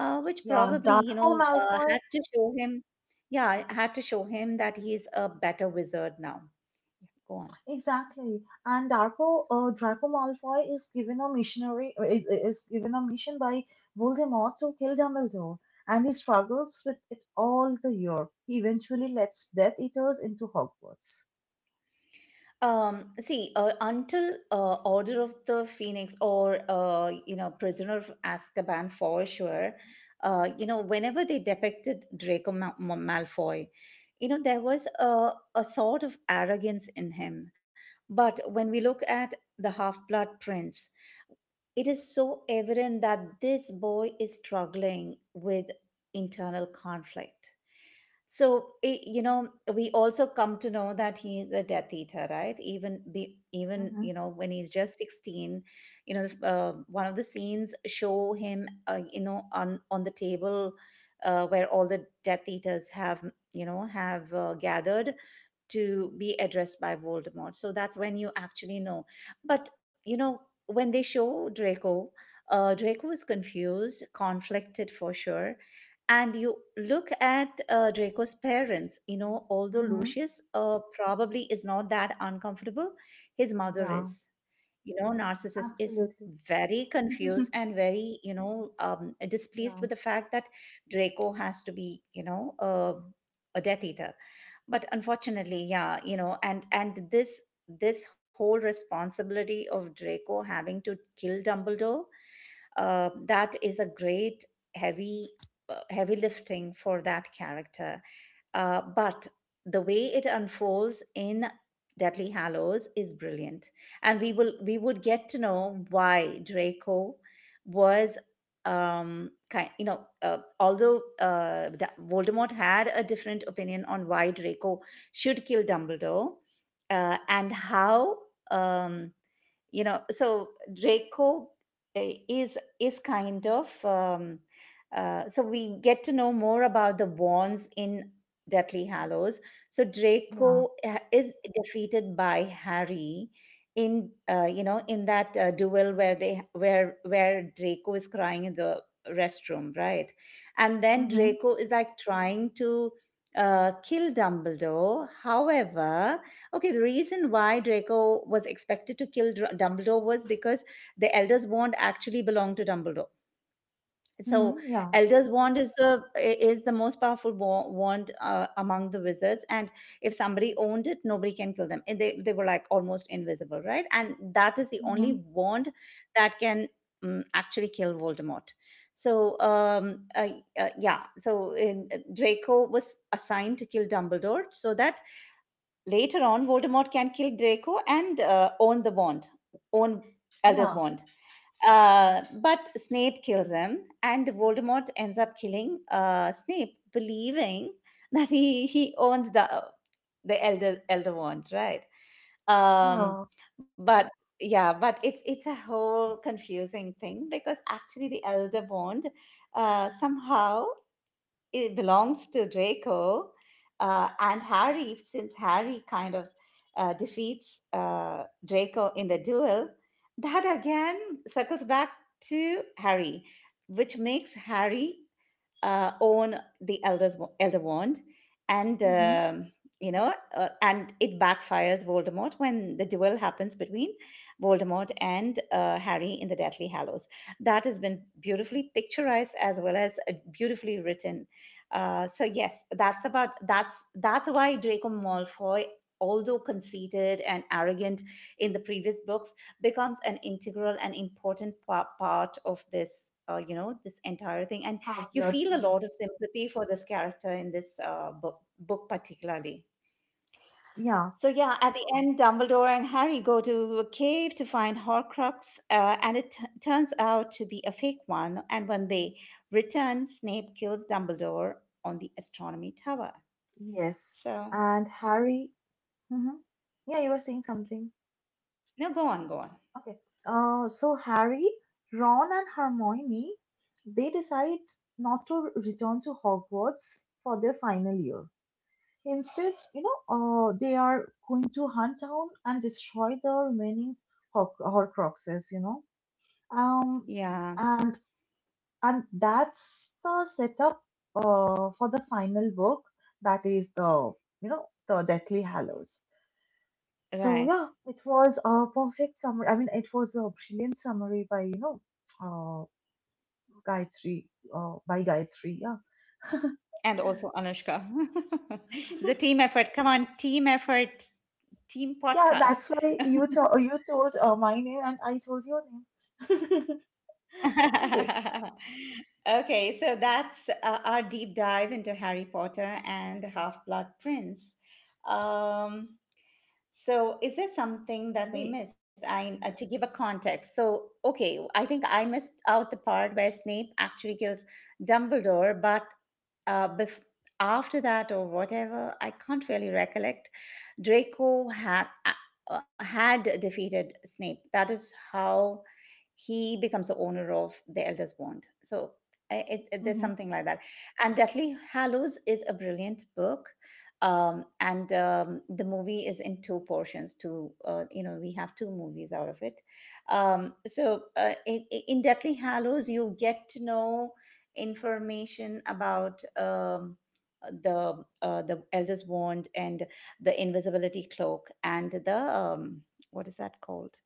which yeah, probably you Darko know Malfoy, had to show him, yeah, had to show him that he's a better wizard now. Yeah, go on. exactly. And Draco Malfoy is given a mission by Voldemort to kill Dumbledore, and he struggles with it all the year. He eventually lets Death Eaters into Hogwarts. See, until Order of the Phoenix or you know, Prisoner of Azkaban for sure, you know, whenever they depicted Malfoy, you know, there was a sort of arrogance in him. But when we look at the Half-Blood Prince, it is so evident that this boy is struggling with internal conflict. So you know, we also come to know that he is a Death Eater, right? Even be even Hmm. you know, when he's just 16, you know, one of the scenes show him, on the table where all the Death Eaters have gathered, to be addressed by Voldemort. So that's when you actually know. But you know, when they show Draco, Draco is confused, conflicted for sure. And you look at Draco's parents, although Hmm. Lucius probably is not that uncomfortable, his mother Yeah, is, narcissist, is absolutely. very confused and very, displeased Yeah, with the fact that Draco has to be, a Death Eater. But unfortunately, yeah, and this whole responsibility of Draco having to kill Dumbledore, that is a great heavy, heavy lifting for that character. But the way it unfolds in Deathly Hallows is brilliant, and we would get to know why Draco was kind, although Voldemort had a different opinion on why Draco should kill Dumbledore, and how, um so Draco, uh, is kind of, so we get to know more about the wands in Deathly Hallows. So yeah. Draco, is defeated by Harry in, in that duel where they where Draco is crying in the restroom, right? And then Hmm. Draco is like trying to kill Dumbledore. However, okay, the reason why Draco was expected to kill Dumbledore was because the Elder's Wand actually belonged to Dumbledore. So, Hmm. Yeah. Elder's Wand is the most powerful wand, among the wizards, and if somebody owned it, nobody can kill them. And they were like almost invisible, right? And that is the only Hmm. wand that can actually kill Voldemort. So, yeah. So, Draco was assigned to kill Dumbledore so that later on, Voldemort can kill Draco and own the wand, own Elder's Yeah. wand. But Snape kills him, and Voldemort ends up killing Snape, believing that he owns the Elder wand, right? Um, Yeah. but yeah, but it's a whole confusing thing because actually the Elder wand, somehow, it belongs to Draco, and Harry, since Harry kind of defeats Draco in the duel, that again circles back to Harry, which makes Harry own the Elder's, Elder Wand. And, Hmm. um, and it backfires Voldemort when the duel happens between Voldemort and Harry in the Deathly Hallows, that has been beautifully picturized as well as beautifully written. So yes, that's about that's why Draco Malfoy, although conceited and arrogant in the previous books, becomes an integral and important part of this. This entire thing, and Half you Blood feel a Prince. lot of sympathy for this character in this book, book particularly. Yeah, So yeah, at the end, Dumbledore and Harry go to a cave to find Horcrux, and turns out to be a fake one. And when they return, Snape kills Dumbledore on the astronomy tower. yes. So And Harry, hmm, yeah, you were saying something. no, go on, go on. Okay. So Harry, Ron, and Hermione, they decide not to return to Hogwarts for their final year. Instead, you know, they are going to hunt down and destroy the remaining Horcruxes. You know, um, Yeah, And. and that's the setup for the final book, that is the, you know, the Deathly Hallows. So right. yeah, it was a perfect summary. I mean, it was a brilliant summary by, you know, uh, Gayatri, by Gayatri, yeah. And also Anushka. The team effort. Come on, team effort, team Yeah, podcast. that's why you told my name and I told your name. Okay. Okay, so that's our deep dive into Harry Potter and Half-Blood Prince. Um, so is there something that we We. missed? I, to give a context. So, okay, I think I missed out the part where Snape actually kills Dumbledore, but bef after that or whatever, I can't really recollect. Draco had defeated Snape. That is how he becomes the owner of the elders bond, so Mm-hmm. there's something like that. And Deathly Hallows is a brilliant book, and, the movie is in two portions, two, we have two movies out of it. In Deathly Hallows, you get to know information about, the elders wand and the invisibility cloak and the what is that called,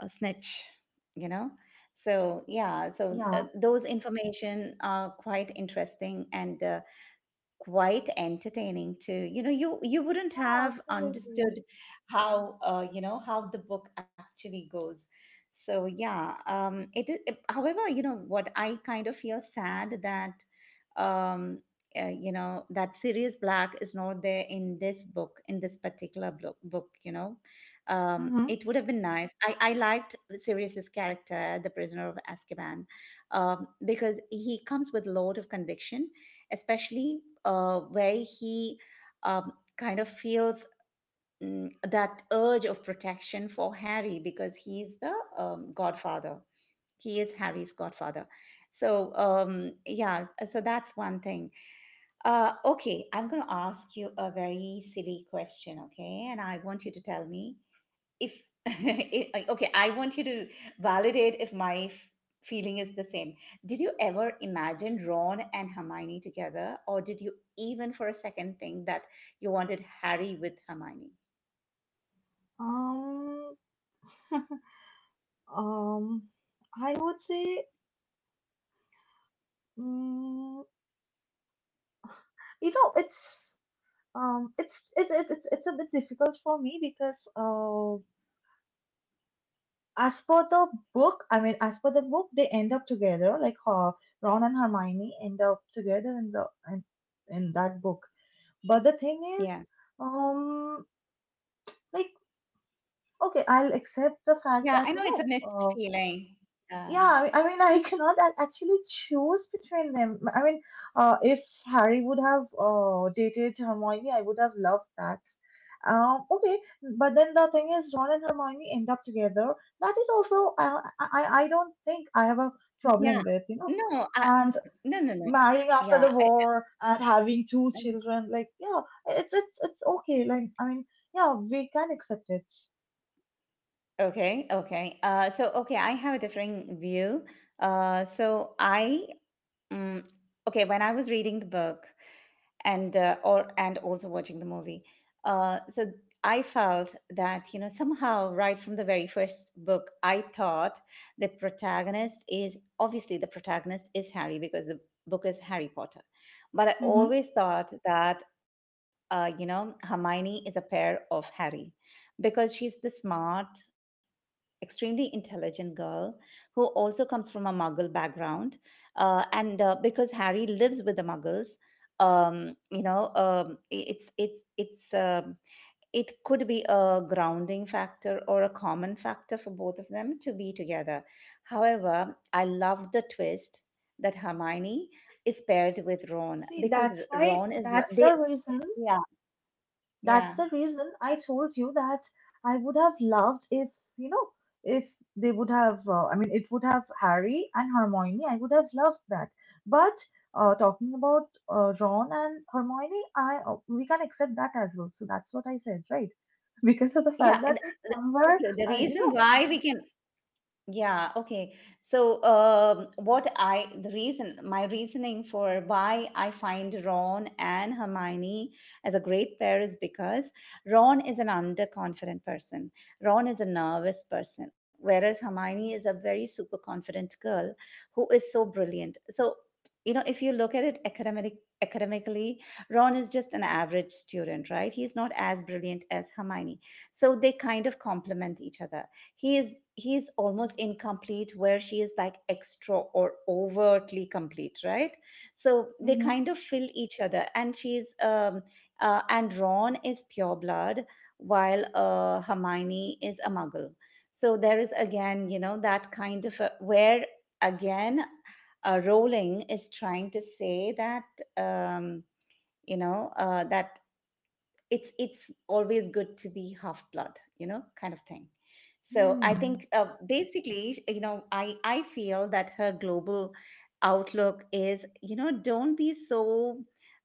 a snitch you know so yeah, so Yeah. those information are quite interesting and, quite entertaining too. You wouldn't Yeah, have absolutely. understood how you know how the book actually goes. So yeah, it is, however, you know what, I kind of feel sad that um you know that Sirius Black is not there in this book, in this particular book. Mm-hmm. It would have been nice. I liked Sirius's character, the prisoner of Azkaban, because he comes with a lot of conviction, especially where he, kind of feels, that urge of protection for Harry because he's the, godfather. He is Harry's godfather. So, yeah, so that's one thing. Okay, I'm going to ask you a very silly question, okay? And I want you to tell me if I want you to validate if my feeling is the same. Did you ever imagine Ron and Hermione together, or did you even for a second think that you wanted Harry with Hermione? Um, um, I would say, um, you know, it's, it's a bit difficult for me because, as per the book, I mean, as per the book, they end up together. Like, Ron and Hermione end up together in, in that book. But the thing is, Yeah, um, like, okay, I'll accept the fact yeah, I that, you know it's know, a mixed uh. feeling. Yeah, Yeah, I mean, I cannot actually choose between them. I mean, if Harry would have dated Hermione, I would have loved that. Okay, but then the thing is, Ron and Hermione end up together. That is also, I, I don't think I have a yeah. problem with, you know. No, I, And no, no, no. marrying after the Yeah, I. war and having two children, like, yeah, it's okay, like I mean, yeah, we can accept it. Okay, okay. Okay, I have a differing view. I, um, okay, when I was reading the book, and or and also watching the movie, so I felt that, somehow right from the very first book, I thought the protagonist is, obviously, the protagonist is Harry because the book is Harry Potter, but I Hmm. always thought that, Hermione is a pair of Harry because she's the smart, extremely intelligent girl who also comes from a Muggle background. And Because Harry lives with the Muggles, um, you know, um, i- it's it's it's um it could be a grounding factor or a common factor for both of them to be together. However, I loved the twist that Hermione is paired with Ron See, because that's why, Ron is what that's the they. reason, Yeah, that's yeah, the reason I told you that I would have loved if, you know, if they would have, I mean, it would have Harry and Hermione. I would have loved that. But talking about Ron and Hermione, I, we can accept that as well. So that's what I said, right? Because of the yeah. fact that somewhere, Okay, the I, you reason know, why we can. Yeah, okay. So, what I, the reason, my reasoning for why I find Ron and Hermione as a great pair is because Ron is an underconfident person. Ron is a nervous person, whereas Hermione is a very super confident girl who is so brilliant. So, you know, if you look at it academically, Ron is just an average student, right? He's not as brilliant as Hermione. So they kind of complement each other. He's almost incomplete where she is like extra or overtly complete, right? So they kind of fill each other, and she's and Ron is pure blood while Hermione is a Muggle. So there is again, that kind of a, where again, Rowling is trying to say that, um that it's always good to be half blood, kind of thing. So hmm. I think, Hmm. Basically, I feel that her global outlook is, don't be so,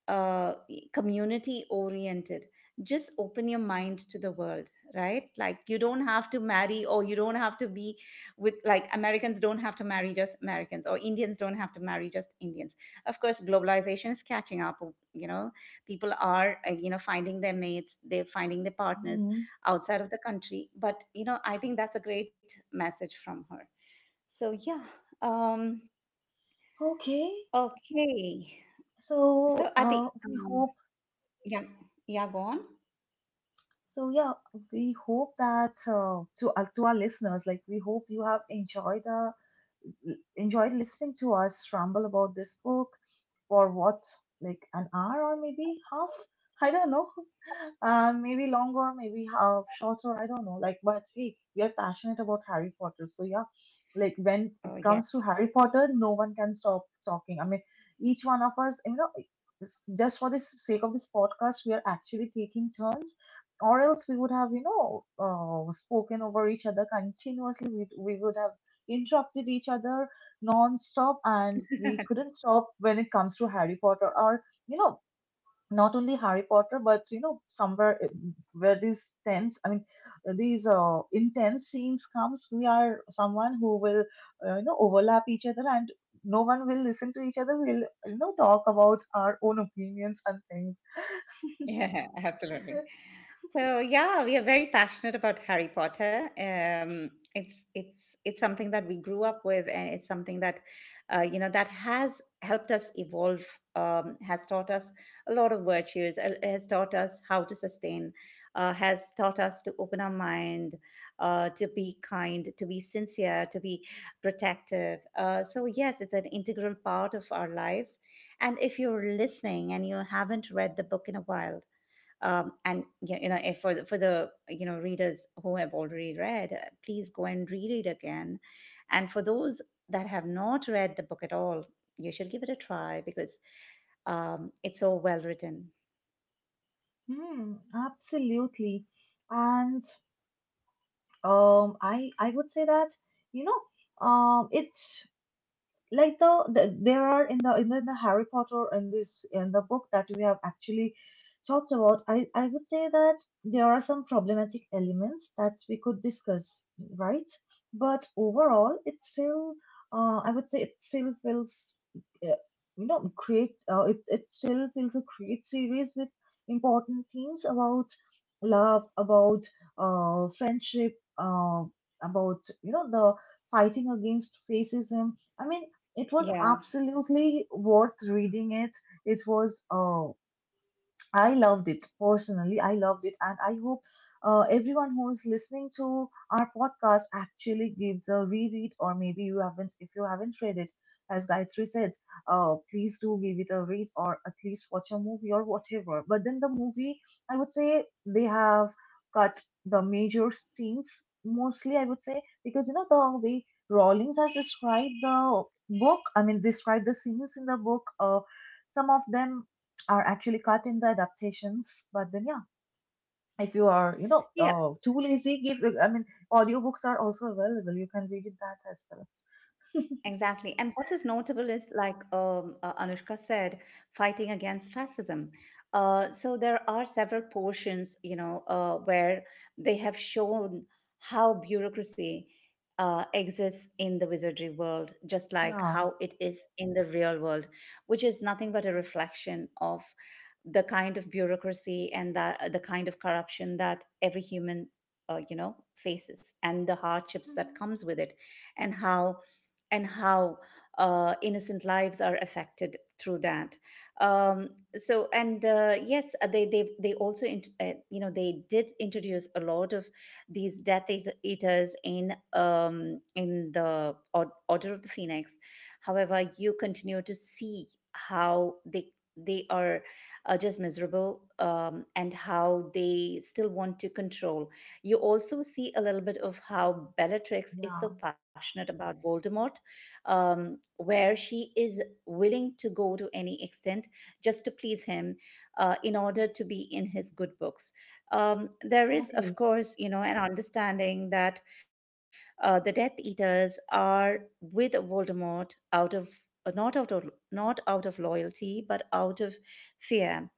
uh, community oriented. Just open your mind to the world, right? Like, you don't have to marry or you don't have to be with, like, Americans don't have to marry just Americans, or Indians don't have to marry just Indians. Of course globalization is catching up, you know people are, finding their mates, they're finding their partners Hmm. outside of the country. But, I think that's a great message from her. So yeah, um Okay. okay, so So at the, we um, hope. yeah. Yeah, go on. So yeah, we hope that, to our listeners, like we hope you have enjoyed, enjoyed listening to us ramble about this book for what, like an hour or maybe half, I don't know. Maybe longer, maybe half shorter, I don't know, like, but hey, we are passionate about Harry Potter. So yeah, like when Oh it comes to yes. Harry Potter, no one can stop talking. I mean, each one of us, you know, just for the sake of this podcast, we are actually taking turns, or else we would have, you know, spoken over each other continuously. We would have interrupted each other non-stop, and we couldn't stop when it comes to Harry Potter. Or, you know, not only Harry Potter, but you know, somewhere, where these tense I mean these intense scenes comes, we are someone who will, you know, overlap each other, and no one will listen to each other. We'll, you know, talk about our own opinions and things. Yeah, absolutely. So yeah, we are very passionate about Harry Potter. It's something that we grew up with, and it's something that you know that has helped us evolve, has taught us a lot of virtues, has taught us how to sustain, has taught us to open our mind, to be kind, to be sincere, to be protective. So yes, it's an integral part of our lives. And if you're listening and you haven't read the book in a while, and if for the, readers who have already read, please go and reread again. And for those that have not read the book at all, you should give it a try because, it's so well written. Hmm, absolutely. And um, I would say that, you know, it, like the there are in the Harry Potter in this, in the book that we have actually talked about, I would say that there are some problematic elements that we could discuss, right? But overall, it still, I would say it still feels, uh, you know, great. It still feels a great series with important themes about love, about friendship, about, you know, the fighting against racism. I mean, it was Yeah, absolutely worth reading it. It was, I loved it personally. I loved it, and I hope everyone who's listening to our podcast actually gives a reread, or maybe you haven't. If you haven't read it, as Gayatri said, please do give it a read, or at least watch a movie or whatever. But then the movie, I would say they have cut the major scenes mostly. I would say, because you know the way Rawlings has described the book. I mean, described the scenes in the book. Some of them are actually cut in the adaptations. But then, yeah, if you are, you know, yeah. Too lazy, give. I mean, audiobooks are also available. You can read it that as well. Exactly. And what is notable is, like, Anushka said, fighting against fascism. So there are several portions, you know, where they have shown how bureaucracy, exists in the wizardry world, just like Yeah, how it is in the real world, which is nothing but a reflection of the kind of bureaucracy and the kind of corruption that every human, faces, and the hardships that hmm, comes with it, and how and how, innocent lives are affected through that. So, and Yes, they also, they did introduce a lot of these Eaters in, in the Order of the Phoenix. However, you continue to see how they are, just miserable, and how they still want to control. You also see a little bit of how Bellatrix is yeah, so passionate about Voldemort, where she is willing to go to any extent just to please him, in order to be in his good books. There is, of exactly. course, you know, an understanding that, the Death Eaters are with Voldemort out of, not out of loyalty, but out of fear,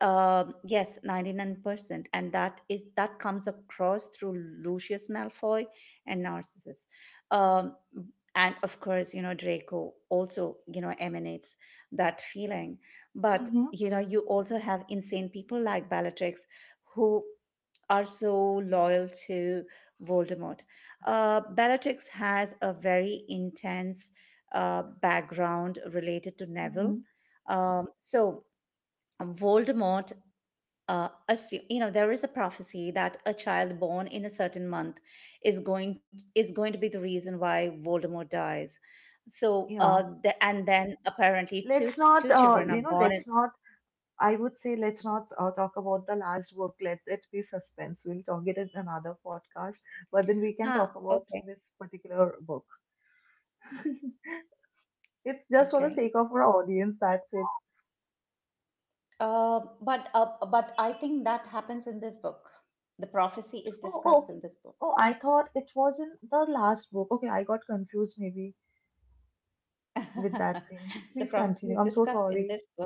yes, 99%. And that is that comes across through Lucius Malfoy and Narcissus. Um, and of course, you know, Draco also, you know, emanates that feeling. But, Mm-hmm. you know, you also have insane people like Bellatrix who are so loyal to Voldemort. Bellatrix has a very intense, background related to Neville. Mm-hmm. Um, so, Voldemort, assume, you know, there is a prophecy that a child born in a certain month is going to be the reason why Voldemort dies. So Yeah. And then apparently two Let's two not, children are you know, born in. let's not. I would say, let's not talk about the last book. Let it be suspense. We'll talk it in another podcast. But then we can Ah, talk about okay, this particular book. It's just for the okay. sake of our audience. That's it. But I think that happens in this book. The prophecy is Oh, oh, discussed okay. in this book. Oh, I thought it was in the last book. Okay, I got confused maybe with that scene. The Please prophecy is continue. I'm so discussed in this sorry. book.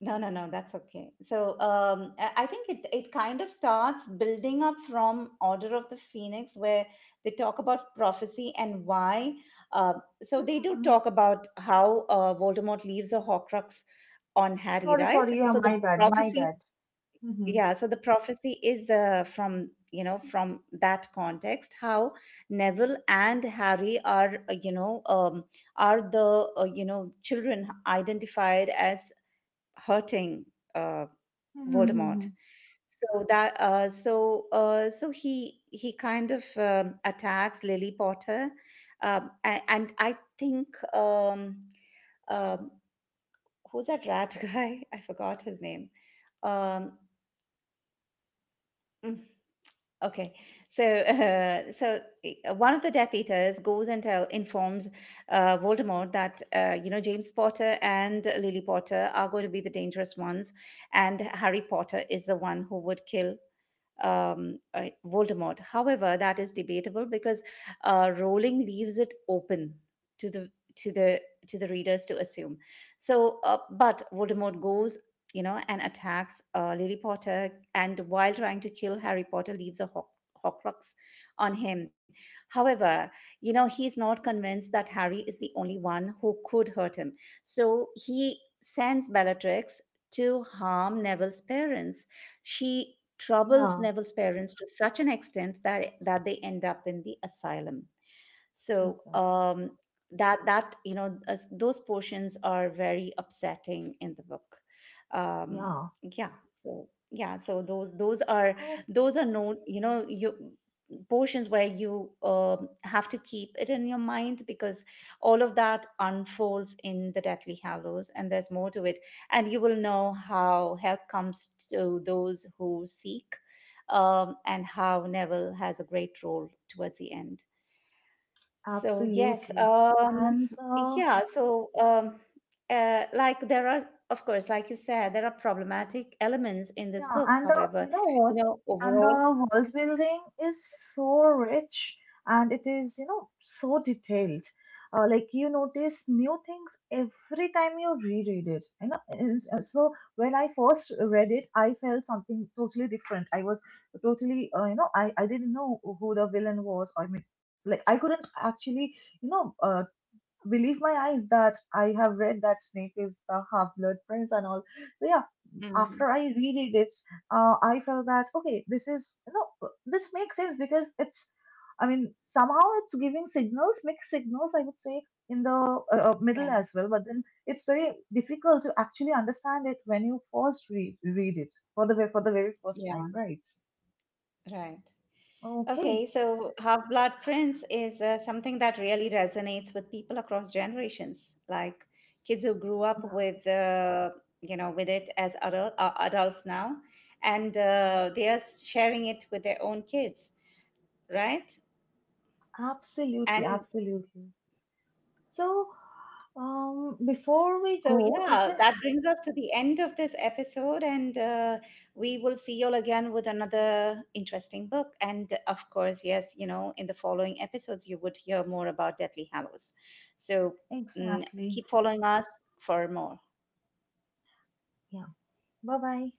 No, no, no, that's okay. So, I think it kind of starts building up from Order of the Phoenix, where they talk about prophecy and why. Uh, so they do Hmm. talk about how, Voldemort leaves a Horcrux on Harry, Sorry, right? sorry. Yeah, So the my bad. My prophecy, bad. Mm-hmm. yeah, so the prophecy is, from, you know, from that context, how Neville and Harry are the, children identified as hurting, uh, Mm-hmm. Mm-hmm. Voldemort. So that, so he kind of, attacks Lily Potter, and I think, um, um, who's that rat guy? I forgot his name. Um, mm, Okay, so one of the Death Eaters goes and tell, informs, Voldemort that, James Potter and Lily Potter are going to be the dangerous ones, and Harry Potter is the one who would kill, Voldemort. However, that is debatable because, Rowling leaves it open to the to the to the readers to assume. So, but Voldemort goes, you know, and attacks, Lily Potter, and while trying to kill Harry Potter, leaves a Horcrux on him. However, you know, he's not convinced that Harry is the only one who could hurt him. So he sends Bellatrix to harm Neville's parents. She troubles Yeah, Neville's parents to such an extent that they end up in the asylum. So, exactly. That that you know as- those portions are very upsetting in the book. Um, Yeah. yeah. So yeah. So those those are Oh, those are no, you, portions where you, have to keep it in your mind because all of that unfolds in the Deathly Hallows, and there's more to it, and you will know how help comes to those who seek, and how Neville has a great role towards the end. So yes, absolutely. And the. yeah. So, like there are, of course, like you said, there are problematic elements in this Yeah, book. and the, However, you know what? you know, And the overall. world building is so rich, and it is, you know, so detailed. Like you notice new things every time you reread it. You know, and so when I first read it, I felt something totally different. I was totally, you know, I didn't know who the villain was. I mean, like I couldn't actually, you know, believe my eyes that I have read that Snape is the half-blood prince and all. So yeah, Mm, after I reread it, I felt that okay, this is, you know, this makes sense because it's, I mean, somehow it's giving signals, mixed signals, I would say, in the yeah, middle as well. But then it's very difficult to actually understand it when you first read it for the for the very first yeah, time, right? right. Okay, Okay, so Half Blood Prince is, something that really resonates with people across generations, like kids who grew up yeah, with, with it as adults now, and, they are sharing it with their own kids, right? absolutely, And absolutely. So, before we so, go, is yeah, there that brings us to the end of this episode, and, we will see you all again with another interesting book. And of course, yes, you know, in the following episodes, you would hear more about Deathly Hallows. So, exactly? keep following us for more. Yeah. Bye bye.